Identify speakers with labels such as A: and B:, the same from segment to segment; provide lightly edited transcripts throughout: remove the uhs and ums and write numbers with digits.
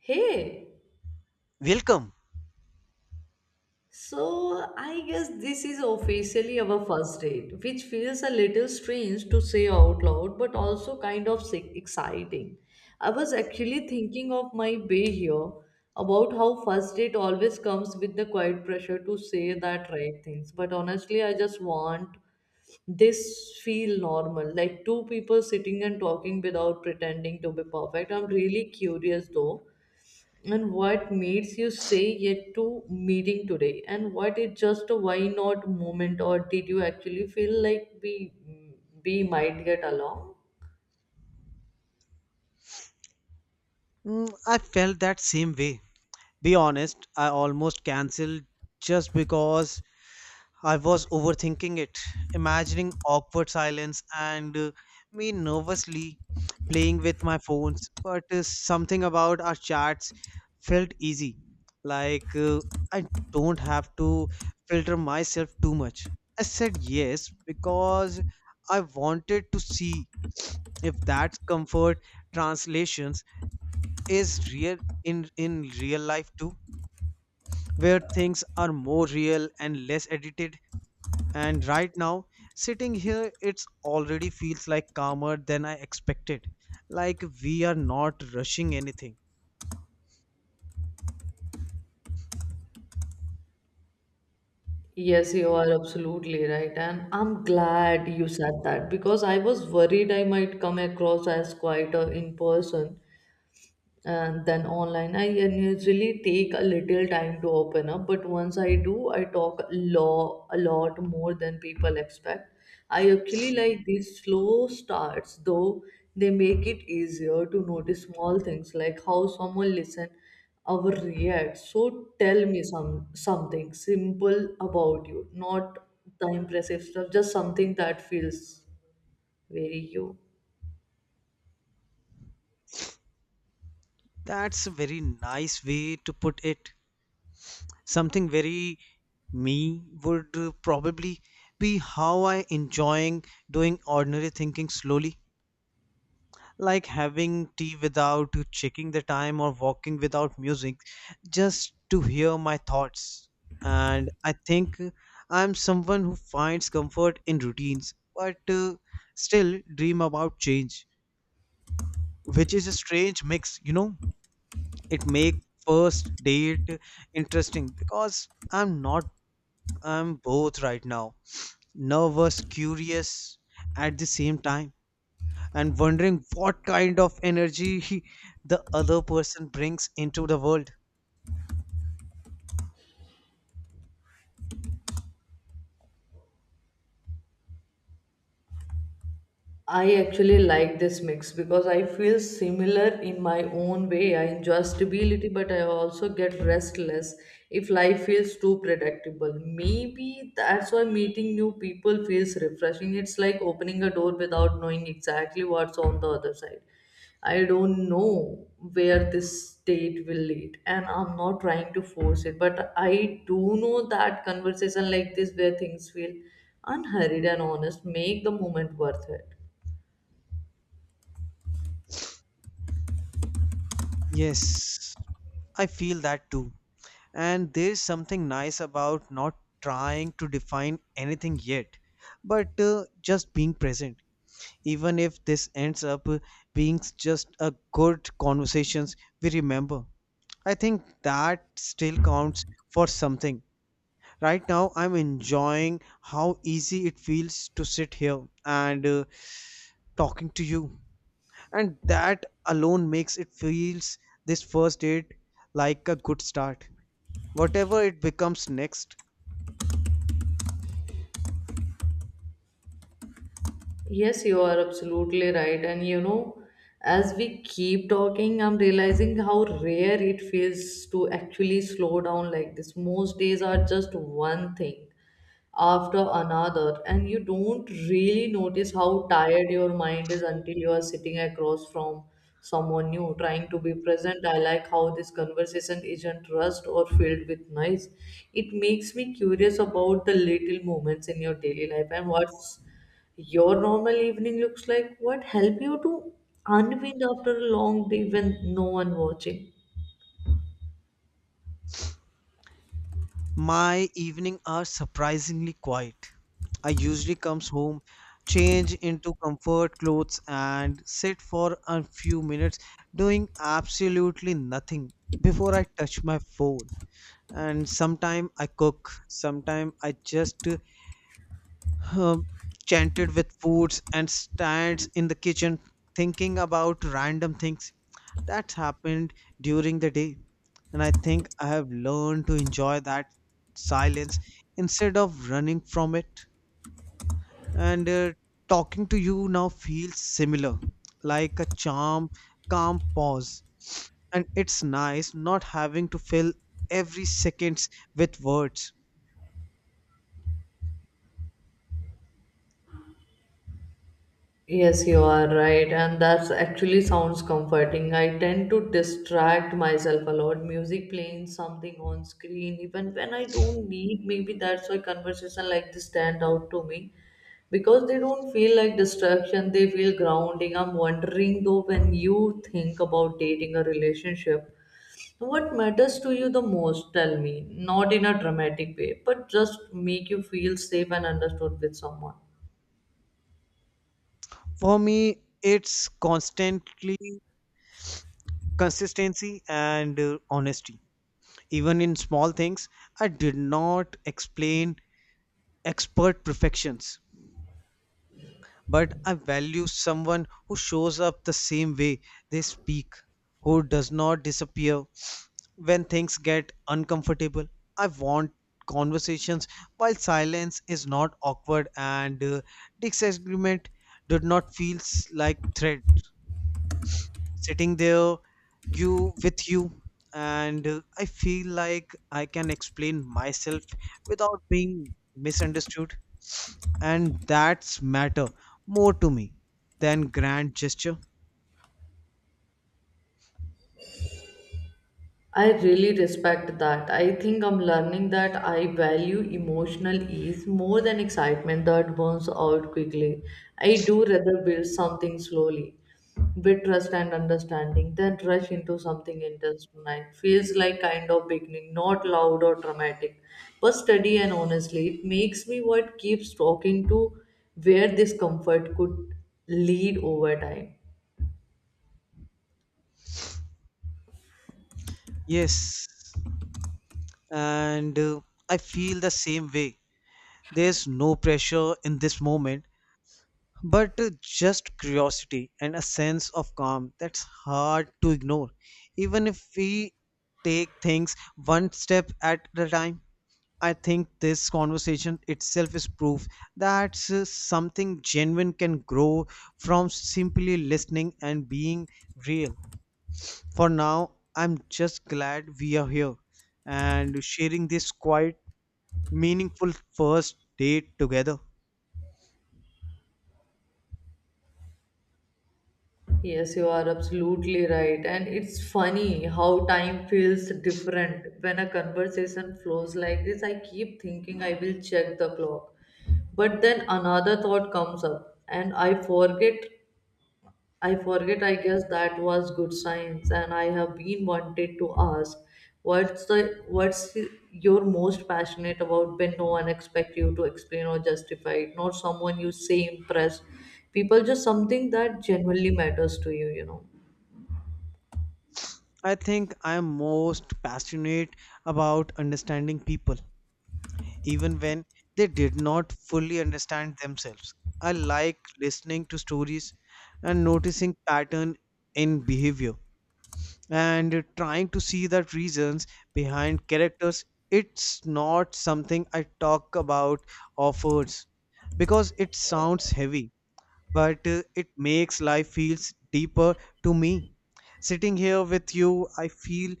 A: Hey,
B: Welcome.
A: so I guess this is officially our first date, which feels a little strange to say out loud, but also kind of exciting. I was actually thinking of my bay here about how first date always comes with the quiet pressure to say that right things. But honestly, I just want this feel normal, like two people sitting and talking without pretending to be perfect. I'm really curious though and what makes you say yet to meeting today and what is just a why not moment, or did you actually feel like we might get along?
B: Mm, I felt that same way. Be honest, I almost cancelled just because I was overthinking it, imagining awkward silence and me nervously playing with my phones. But Something about our chats felt easy. Like I don't have to filter myself too much. I said yes because I wanted to see if that comfort translations is real in real life too, where things are more real and less edited. And right now, sitting here, it's already feels like calmer than I expected, like we are not rushing anything.
A: Yes, you are absolutely right, and I'm glad you said that because I was worried I might come across as quite a in person. And then online I usually take a little time to open up, but once I do I talk a lot more than people expect. I actually like these slow starts though. They make it easier to notice small things like how someone listen or react. So tell me something simple about you, not the impressive stuff, just something that feels very you.
B: That's a very nice way to put it. Something very me would probably be how I enjoying doing ordinary thinking slowly, like having tea without checking the time or walking without music just to hear my thoughts. And I think I'm someone who finds comfort in routines, but still dream about change, which is a strange mix, you know. It make first date interesting because I'm not I'm both right now, nervous curious at the same time, and wondering what kind of energy the other person brings into the world.
A: I actually like this mix because I feel similar in my own way. I enjoy stability, but I also get restless if life feels too predictable. Maybe that's why meeting new people feels refreshing. It's like opening a door without knowing exactly what's on the other side. I don't know where this state will lead, and I'm not trying to force it, but I do know that conversation like this, where things feel unhurried and honest, make the moment worth it.
B: Yes, I feel that too. And there's something nice about not trying to define anything yet, but just being present. Even if this ends up being just a good conversations we remember, I think that still counts for something. Right now, I'm enjoying how easy it feels to sit here and talking to you, and that alone makes it feels this first date like a good start, whatever it becomes next.
A: Yes, you are absolutely right. And you know, as we keep talking, I'm realizing how rare it feels to actually slow down like this. Most days are just one thing after another, and you don't really notice how tired your mind is until you are sitting across from someone new trying to be present. I like how this conversation isn't rushed or filled with noise. It makes me curious about the little moments in your daily life, and what's your normal evening looks like, what help you to unwind after a long day when no one watching.
B: My evening are surprisingly quiet. I usually comes home, change into comfort clothes, and sit for a few minutes doing absolutely nothing before I touch my phone. And sometime I cook, sometime I just uh, chanted with foods and stands in the kitchen thinking about random things that happened during the day. And I think I have learned to enjoy that silence instead of running from it. And talking to you now feels similar, like a charm calm pause. And it's nice not having to fill every seconds with words.
A: Yes, you are right, and that's actually sounds comforting. I tend to distract myself a lot. Music playing something on screen, even when I don't need. Maybe that's why conversation like this stand out to me, because they don't feel like distraction, they feel grounding. I'm wondering though, when you think about dating a relationship, what matters to you the most? Tell me, not in a dramatic way, but just make you feel safe and understood with someone.
B: For me, it's constantly consistency and honesty, even in small things. I did not explain expert perfections, but I value someone who shows up the same way they speak, who does not disappear when things get uncomfortable. I want conversations while silence is not awkward and disagreement did not feel like threat, sitting there you with you, and I feel like I can explain myself without being misunderstood. And that's matter more to me than grand gesture.
A: I really respect that. I think I'm learning that I value emotional ease more than excitement that burns out quickly. I do rather build something slowly with trust and understanding than rush into something intense tonight. Feels like kind of beginning, not loud or dramatic, but steady and honestly. It makes me what keeps talking to where this comfort could lead over time.
B: Yes, and I feel the same way. There's no pressure in this moment, but just curiosity and a sense of calm that's hard to ignore. Even if we take things one step at a time, I think this conversation itself is proof that something genuine can grow from simply listening and being real. For now, I'm just glad we are here and sharing this quite meaningful first date together.
A: Yes, you are absolutely right. And it's funny how time feels different when a conversation flows like this. I keep thinking I will check the clock, but then another thought comes up and I forget. I guess that was good science, and I have been wanted to ask what's you're most passionate about when no one expects you to explain or justify it, not someone you say impressed. People just something that genuinely matters to you, you know.
B: I think I'm most passionate about understanding people, even when they did not fully understand themselves. I like listening to stories and noticing pattern in behavior, and trying to see the reasons behind characters. It's not something I talk about offers because it sounds heavy, but it makes life feels deeper to me. Sitting here with you, I feel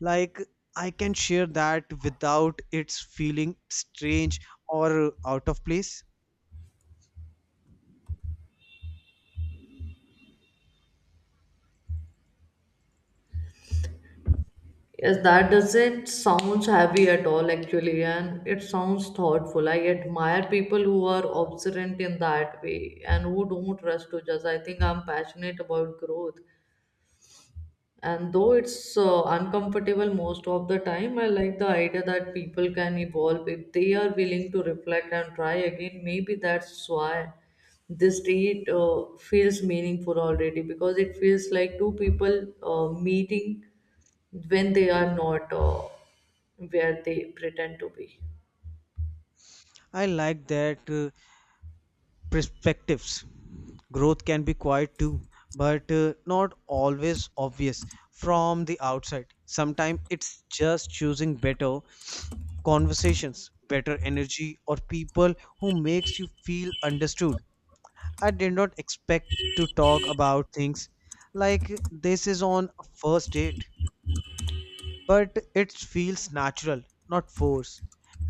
B: like I can share that without it's feeling strange or out of place.
A: Yes, that doesn't sounds heavy at all actually, and it sounds thoughtful. I admire people who are observant in that way and who don't rush to judge. I think I'm passionate about growth, and though it's uncomfortable most of the time, I like the idea that people can evolve if they are willing to reflect and try again. Maybe that's why this date feels meaningful already, because it feels like two people meeting when they are not where they pretend to be.
B: I like that perspectives. Growth can be quiet too, but not always obvious from the outside. Sometimes it's just choosing better conversations, better energy, or people who makes you feel understood. I did not expect to talk about things like this is on a first date, but it feels natural, not forced.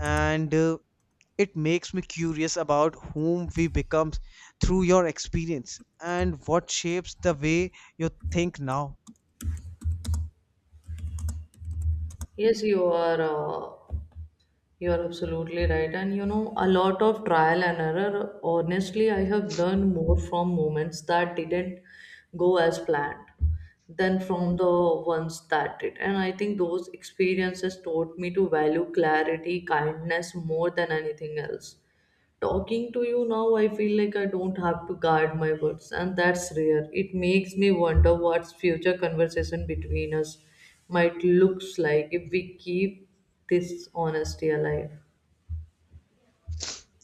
B: And it makes me curious about whom we become through your experience and what shapes the way you think now.
A: Yes, you are absolutely right. And you know, a lot of trial and error, honestly. I have learned more from moments that didn't go as planned than from the ones that did, and I think those experiences taught me to value clarity kindness more than anything else. Talking to you now, I feel like I don't have to guard my words, and that's rare. It makes me wonder what future conversation between us might looks like if we keep this honesty alive.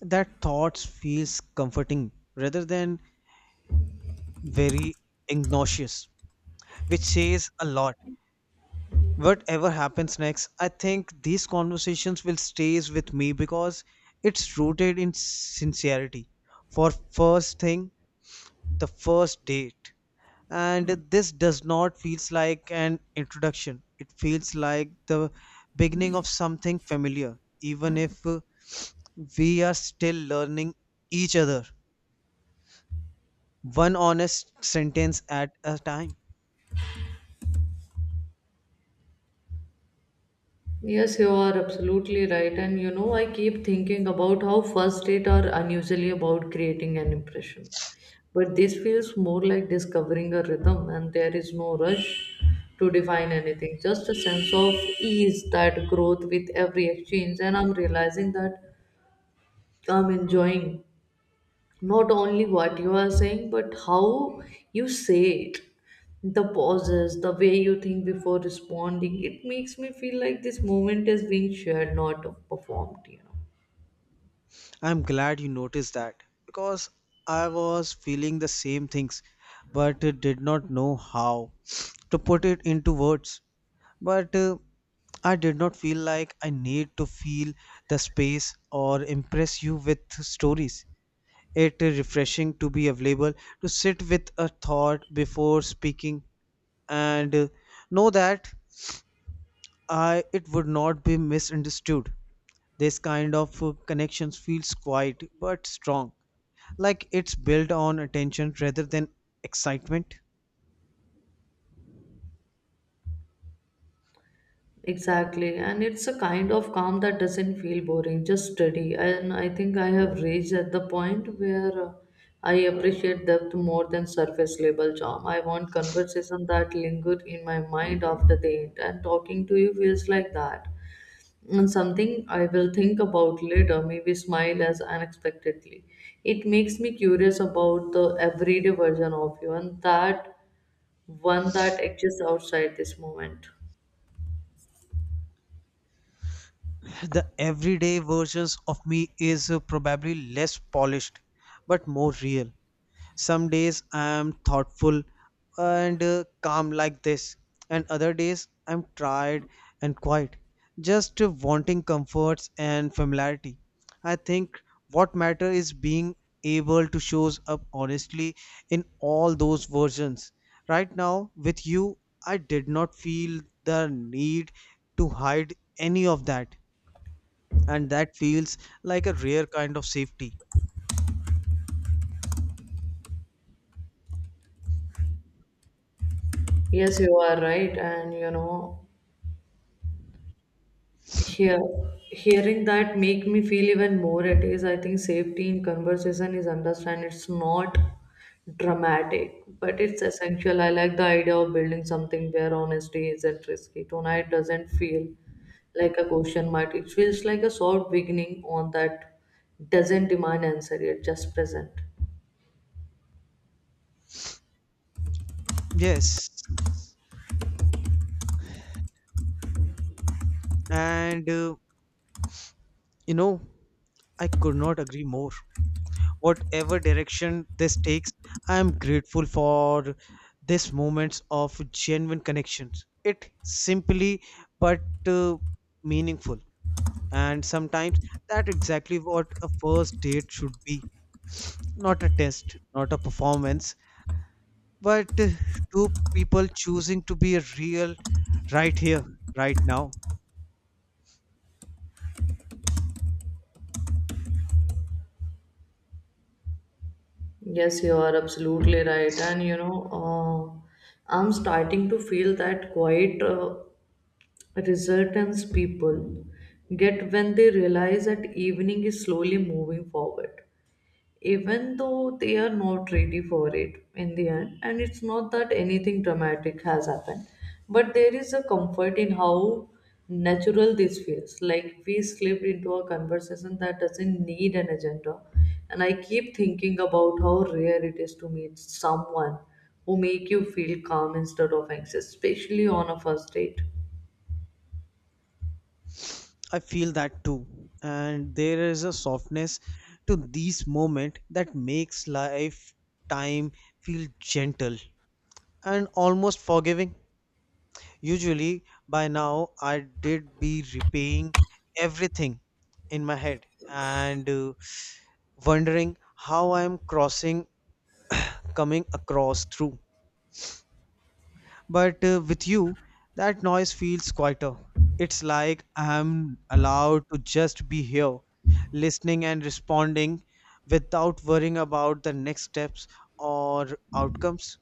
B: That thoughts feels comforting rather than very ignominious, which says a lot. Whatever happens next, I think these conversations will stays with me because it's rooted in sincerity. For first thing, the first date. And this does not feels like an introduction. It feels like the beginning of something familiar, even if we are still learning each other, one honest sentence at a time.
A: Yes, you are absolutely right. And you know, I keep thinking about how first date are unusually about creating an impression. But this feels more like discovering a rhythm, and there is no rush to define anything, just a sense of ease that growth with every exchange. And I'm realizing that I'm enjoying not only what you are saying, but how you say it, the pauses, the way you think before responding. It makes me feel like this moment is being shared, not performed, you know.
B: I'm glad you noticed that because I was feeling the same things, but did not know how to put it into words. But I did not feel like I need to feel the space or impress you with stories. It is refreshing to be available to sit with a thought before speaking and know that I it would not be misunderstood. This kind of connections feels quiet but strong, like it's built on attention rather than excitement.
A: Exactly, and it's a kind of calm that doesn't feel boring, just steady. And I think I have reached at the point where I appreciate depth more than surface level charm. I want conversation that linger in my mind after the end, and talking to you feels like that, and something I will think about later, maybe smile as unexpectedly. It makes me curious about the everyday version of you, and that one that exists outside this moment.
B: The everyday versions of me is probably less polished but more real. Some days I am thoughtful and calm like this, and other days I'm tired and quiet, just wanting comforts and familiarity. I think what matters is being able to shows up honestly in all those versions. Right now, with you, I did not feel the need to hide any of that, and that feels like a rare kind of safety.
A: Yes, you are right, and you know, Hear, hearing that make me feel even more at ease. I think safety in conversation is understand. It's not dramatic, but it's essential. I like the idea of building something where honesty isn't risky. Tonight doesn't feel like a question mark. It feels like a soft beginning on that doesn't demand answer yet, just present.
B: Yes, and you know, I could not agree more. Whatever direction this takes, I am grateful for these moments of genuine connections. It simply but meaningful. And sometimes that exactly what a first date should be. Not a test, not a performance, but two people choosing to be real, right here, right now.
A: Yes, you are absolutely right. And you know, I'm starting to feel that quiet resurgence people get when they realize that evening is slowly moving forward, even though they are not ready for it in the end. And it's not that anything dramatic has happened, but there is a comfort in how natural this feels. Like we slipped into a conversation that doesn't need an agenda. And I keep thinking about how rare it is to meet someone who make you feel calm instead of anxious, especially on a first date.
B: I feel that too. And there is a softness to these moments that makes life time feel gentle and almost forgiving. Usually by now I did be repaying everything in my head and wondering how I am crossing coming across through. But with you, that noise feels quieter. It's like I'm allowed to just be here, listening and responding without worrying about the next steps or outcomes.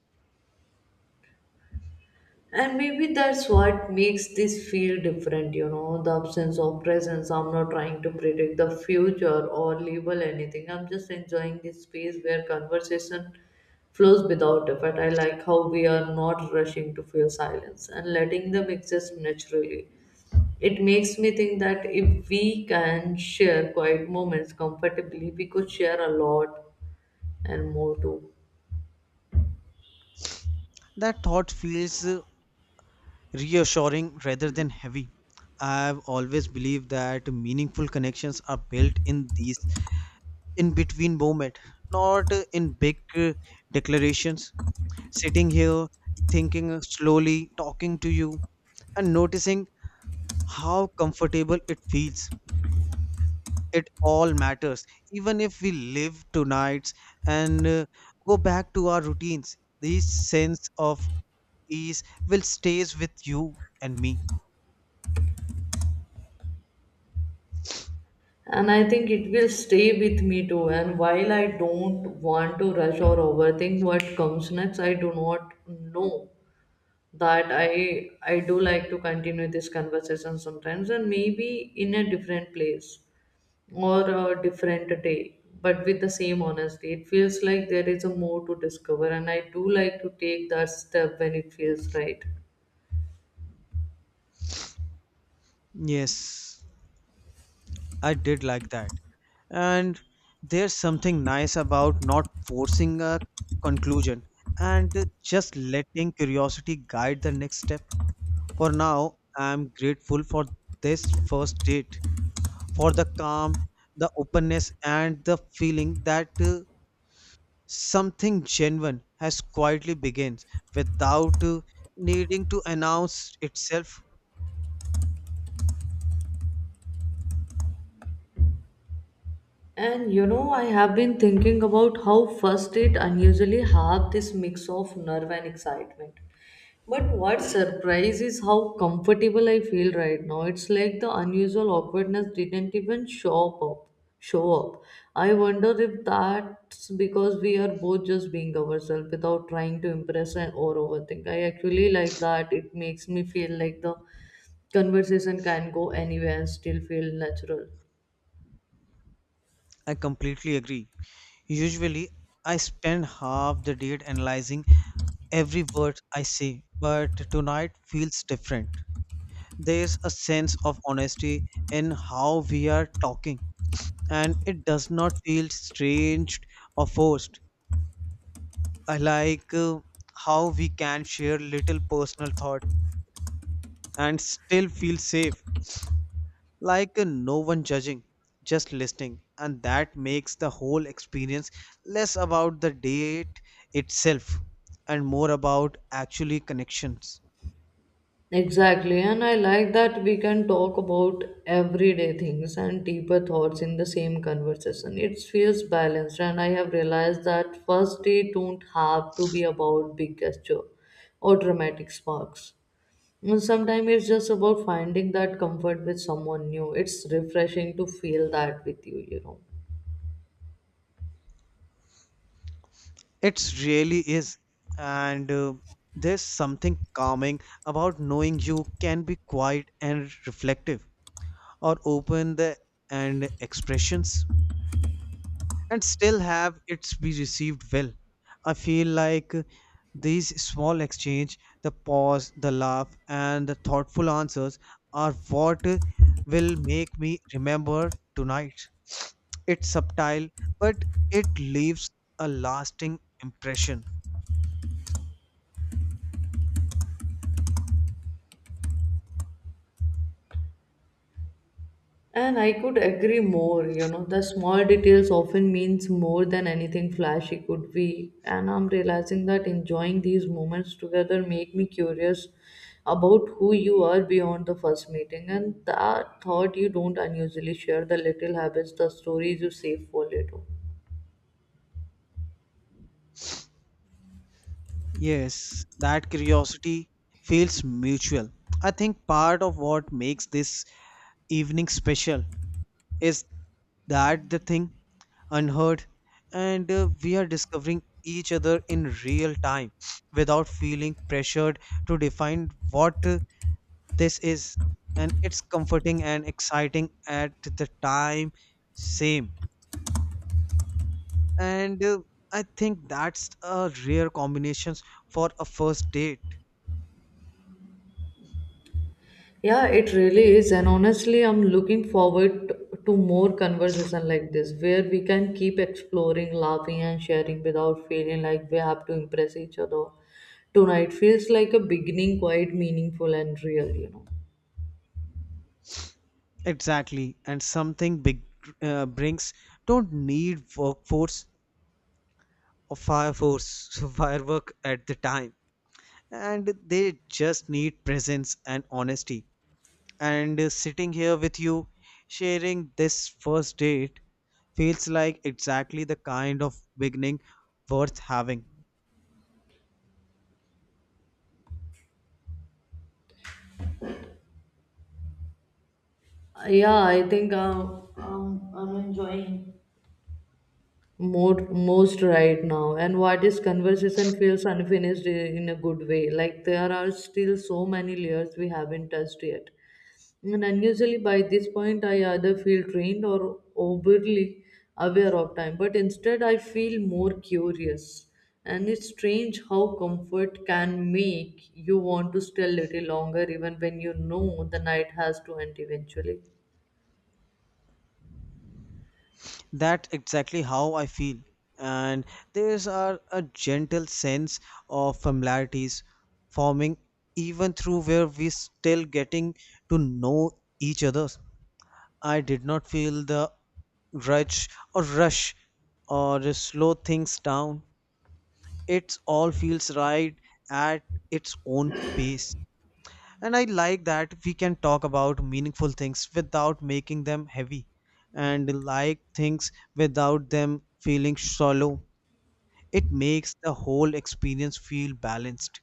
A: And maybe that's what makes this feel different, you know, the absence of presence. I'm not trying to predict the future or label anything. I'm just enjoying this space where conversation flows without effort. I like how we are not rushing to feel silence and letting them exist naturally. It makes me think that if we can share quiet moments comfortably, we could share a lot and more too.
B: That thought feels reassuring rather than heavy. I've always believed that meaningful connections are built in these in between moments, not in big declarations. Sitting here, thinking slowly, talking to you, and noticing how comfortable it feels, it all matters. Even if we live tonight and go back to our routines, this sense of ease will stays with you and me.
A: And I think it will stay with me too. And while I don't want to rush or overthink what comes next, I do not know that I do like to continue this conversation sometimes, and maybe in a different place or a different day, but with the same honesty. It feels like there is a more to discover, and I do like to take that step when it feels right.
B: Yes, I did like that. And there's something nice about not forcing a conclusion and just letting curiosity guide the next step. For now, I'm grateful for this first date, for the calm, the openness, and the feeling that something genuine has quietly begins without needing to announce itself.
A: And you know, I have been thinking about how first date unusually have this mix of nerve and excitement. But what surprise is how comfortable I feel right now. It's like the unusual awkwardness didn't even show up. Show up. I wonder if that's because we are both just being ourselves without trying to impress and or overthink. I actually like that. It makes me feel like the conversation can go anywhere and still feel natural.
B: I completely agree. Usually, I spend half the day analyzing every word I say, but tonight feels different. There's a sense of honesty in how we are talking, and it does not feel strange or forced. I like how we can share little personal thought and still feel safe, like no one judging, just listening, and that makes the whole experience less about the date itself and more about actually connections.
A: Exactly, and I like that we can talk about everyday things and deeper thoughts in the same conversation. It feels balanced, and I have realized that first day don't have to be about big gesture or dramatic sparks. Sometimes it's just about finding that comfort with someone new. It's refreshing to feel that with you, you know.
B: It really is, and there's something calming about knowing you can be quiet and reflective or open the and expressions, and still have it's be received well. I feel like these small exchange, the pause, the laugh, and the thoughtful answers are what will make me remember tonight. It's subtle, but it leaves a lasting impression.
A: And I could agree more, you know, the small details often means more than anything flashy could be. And I'm realizing that enjoying these moments together make me curious about who you are beyond the first meeting. And that thought you don't unusually share, the little habits, the stories you save for later.
B: Yes, that curiosity feels mutual. I think part of what makes this evening special is that the thing? Unheard. And we are discovering each other in real time without feeling pressured to define what this is. And it's comforting and exciting at the time, same. And I think that's a rare combinations for a first date.
A: Yeah, it really is. And honestly, I'm looking forward to more conversation like this where we can keep exploring, laughing, and sharing without feeling like we have to impress each other. Tonight feels like a beginning, quite meaningful and real, you know.
B: Exactly, and something big brings don't need workforce or fire force firework at the time, and they just need presence and honesty. And sitting here with you, sharing this first date, feels like exactly the kind of beginning worth having.
A: Yeah, I think I'm enjoying more most right now. And what is conversation feels unfinished in a good way. Like there are still so many layers we haven't touched yet. And unusually, by this point, I either feel drained or overly aware of time, but instead, I feel more curious. And it's strange how comfort can make you want to stay a little longer, even when you know the night has to end eventually.
B: That's exactly how I feel. And there's are a gentle sense of familiarities forming even through where we still getting to know each other. I did not feel the grudge or rush or slow things down. It all feels right at its own pace. And I like that we can talk about meaningful things without making them heavy, and like things without them feeling shallow. It makes the whole experience feel balanced.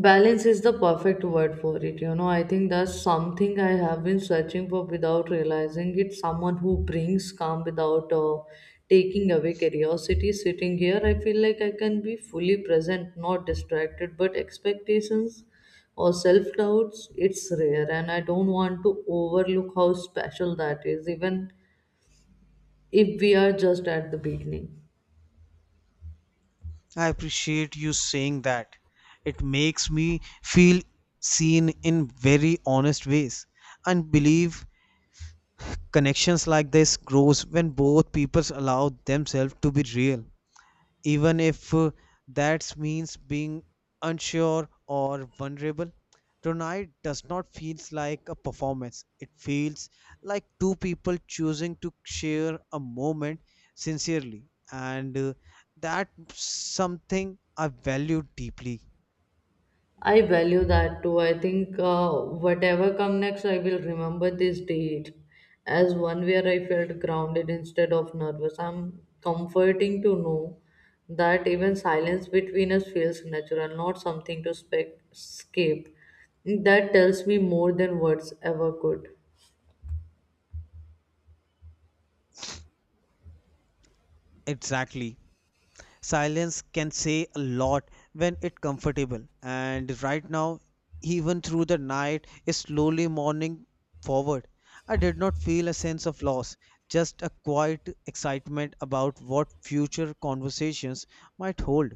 A: Balance is the perfect word for it. You know, I think that's something I have been searching for without realizing it. Someone who brings calm without taking away curiosity. Sitting here, I feel like I can be fully present, not distracted, but expectations or self doubts, it's rare. And I don't want to overlook how special that is, even if we are just at the beginning.
B: I appreciate you saying that. It makes me feel seen in very honest ways and believe connections like this grows when both peoples allow themselves to be real even if that means being unsure or vulnerable. Tonight does not feels like a performance. It feels like two people choosing to share a moment sincerely, and that something I value deeply.
A: I value that too. I think whatever come next, I will remember this date as one where I felt grounded instead of nervous. I'm comforting to know that even silence between us feels natural, not something to escape. That tells me more than words ever could.
B: Exactly. Silence can say a lot when it's comfortable, and right now, even through the night is slowly morning forward, I did not feel a sense of loss, just a quiet excitement about what future conversations might hold.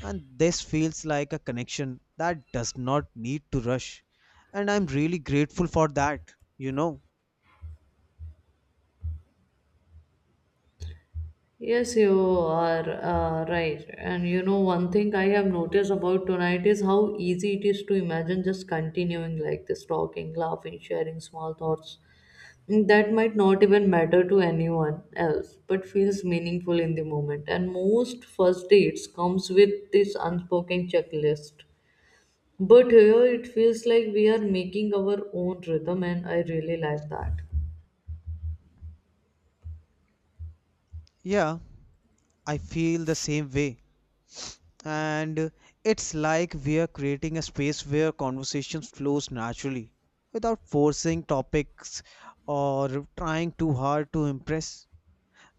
B: And this feels like a connection that does not need to rush, and I'm really grateful for that.
A: Yes, you are right. And you know, one thing I have noticed about tonight is how easy it is to imagine just continuing like this, talking, laughing, sharing small thoughts. Mm, that might not even matter to anyone else, but feels meaningful in the moment. And most first dates comes with this unspoken checklist. But here it feels like we are making our own rhythm, and I really like that.
B: Yeah, I feel the same way. And it's like we are creating a space where conversations flows naturally, without forcing topics or trying too hard to impress.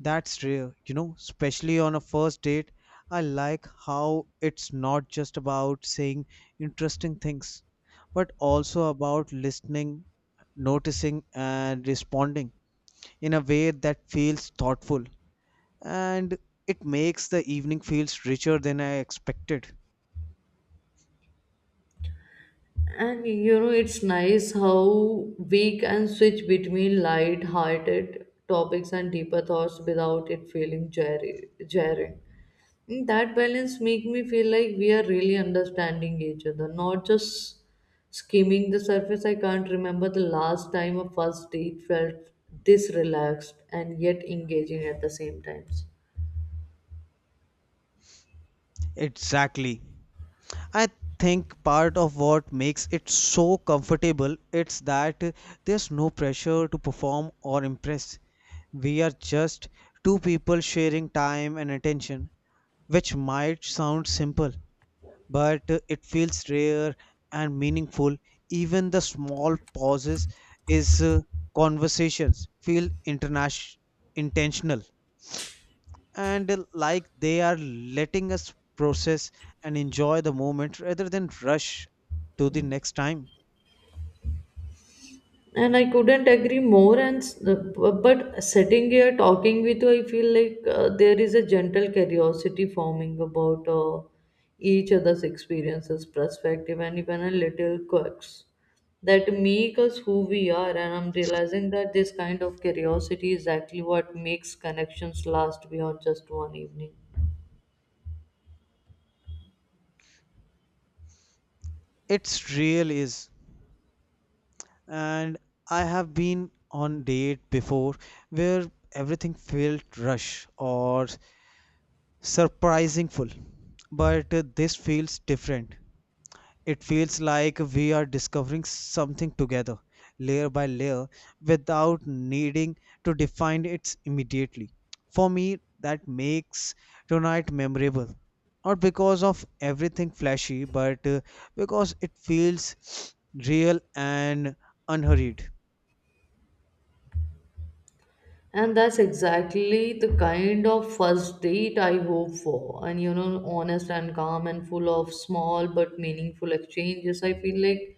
B: That's rare, you know, especially on a first date. I like how it's not just about saying interesting things, but also about listening, noticing and responding in a way that feels thoughtful. And it makes the evening feels richer than I expected.
A: And you know, it's nice how we can switch between light hearted topics and deeper thoughts without it feeling jarring. Mm, that balance make me feel like we are really understanding each other, not just skimming the surface. I can't remember the last time a first date felt this relaxed and yet engaging at the same times.
B: Exactly. I think part of what makes it so comfortable it's that there's no pressure to perform or impress. We are just two people sharing time and attention, which might sound simple, but it feels rare and meaningful. Even the small pauses is conversations feel international intentional, and like they are letting us process and enjoy the moment rather than rush to the next time.
A: And I couldn't agree more and but sitting here talking with you I feel like there is a gentle curiosity forming about each other's experiences perspective and even a little quirks that make us who we are. And I'm realizing that this kind of curiosity is exactly what makes connections last beyond just one evening.
B: It's real is. And I have been on date before where everything felt rush or surprising full, but this feels different. It feels like we are discovering something together, layer by layer, without needing to define it immediately. For me, that makes tonight memorable. Not because of everything flashy, but because it feels real and unhurried.
A: And that's exactly the kind of first date I hope for. And you know, honest and calm and full of small but meaningful exchanges. I feel like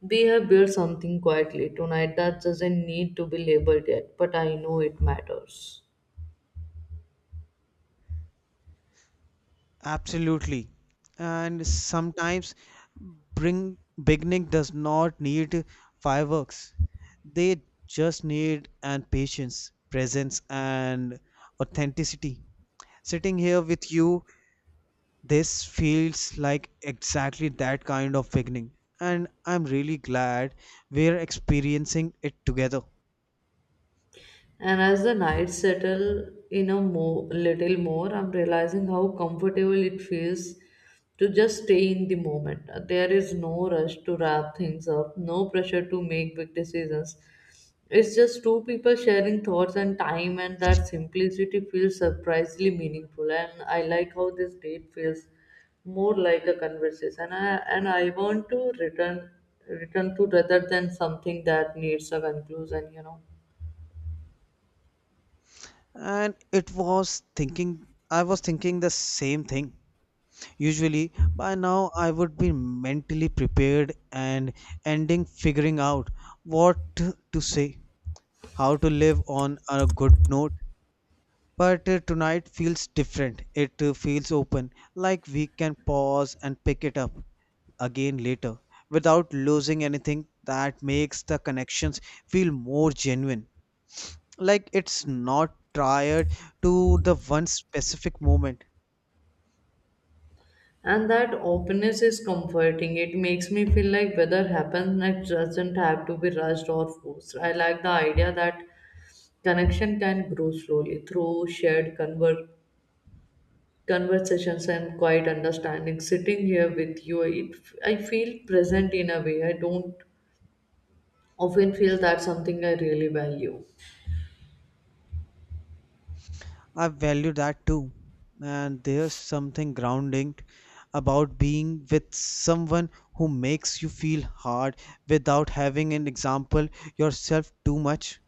A: we have built something quietly tonight that doesn't need to be labeled yet, but I know it matters.
B: Absolutely. And sometimes bring beginning does not need fireworks. They just need and patience, presence and authenticity. Sitting here with you, this feels like exactly that kind of beginning. And I'm really glad we're experiencing it together.
A: And as the nights settle in a more, little more, I'm realizing how comfortable it feels to just stay in the moment. There is no rush to wrap things up, no pressure to make big decisions. It's just two people sharing thoughts and time, and that simplicity feels surprisingly meaningful. And I like how this date feels more like a conversation. And I want to return to rather than something that needs a conclusion, you know.
B: And it was thinking I was thinking the same thing. Usually, by now I would be mentally prepared and ending figuring out what to say, how to live on a good note. But tonight feels different. It feels open, like we can pause and pick it up again later without losing anything that makes the connections feel more genuine. Like it's not tired to the one specific moment.
A: And that openness is comforting. It makes me feel like whether happens next doesn't have to be rushed or forced. I like the idea that connection can grow slowly through shared conversations and quiet understanding. Sitting here with you, it, I feel present in a way I don't often feel. That's something I really value.
B: I value that too. And there's something grounding about being with someone who makes you feel hard without having an example yourself too much.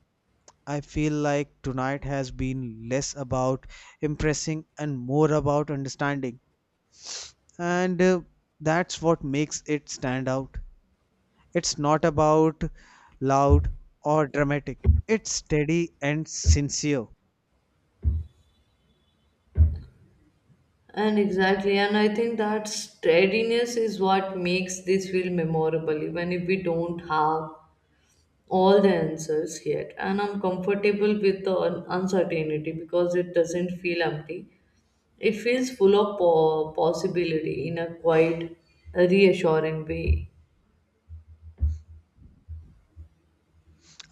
B: I feel like tonight has been less about impressing and more about understanding. And that's what makes it stand out. It's not about loud or dramatic, it's steady and sincere.
A: And exactly, and I think that steadiness is what makes this feel memorable even if we don't have all the answers yet. And I'm comfortable with the uncertainty because it doesn't feel empty. It feels full of possibility in a quite reassuring way.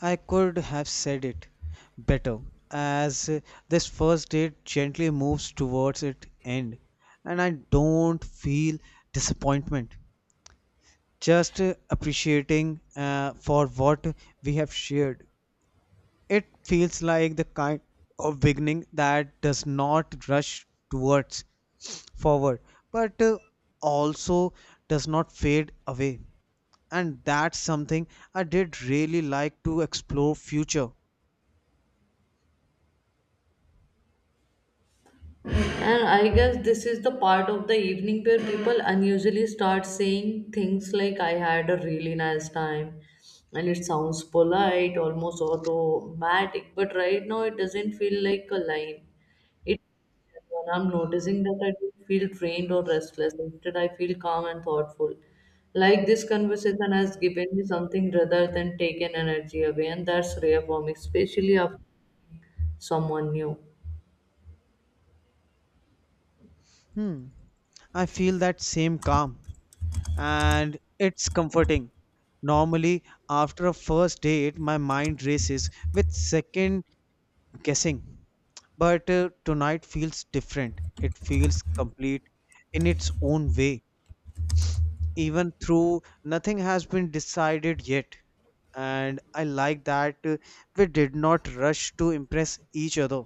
B: I could have said it better, as this first date gently moves towards its end, and I don't feel disappointment, just appreciating for what we have shared. It feels like the kind of beginning that does not rush towards forward, but also does not fade away. And that's something I did really like to explore future.
A: And I guess this is the part of the evening where people unusually start saying things like, I had a really nice time. And it sounds polite, almost automatic, but right now it doesn't feel like a line. It, when I'm noticing that I don't feel drained or restless, instead, I feel calm and thoughtful. Like this conversation has given me something rather than taken energy away, and that's rare for me, especially after someone new.
B: Hmm. I feel that same calm and it's comforting. Normally, after a first date, my mind races with second guessing. But tonight feels different. It feels complete in its own way, even through nothing has been decided yet. And I like that, we did not rush to impress each other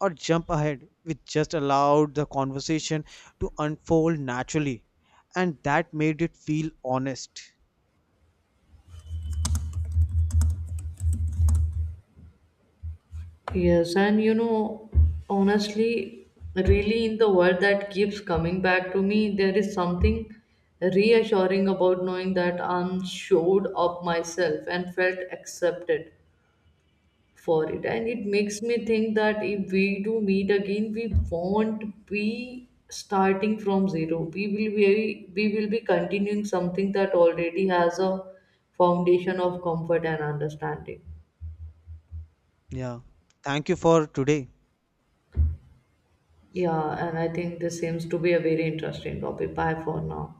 B: or jump ahead. We just allowed the conversation to unfold naturally, and that made it feel honest.
A: Yes, and you know, honestly, really in the world that keeps coming back to me, there is something reassuring about knowing that I'm showed up myself and felt accepted for it. And it makes me think that if we do meet again, we won't be starting from zero. We will be continuing something that already has a foundation of comfort and understanding.
B: Yeah, thank you for today.
A: Yeah, and I think this seems to be a very interesting topic. Bye for now.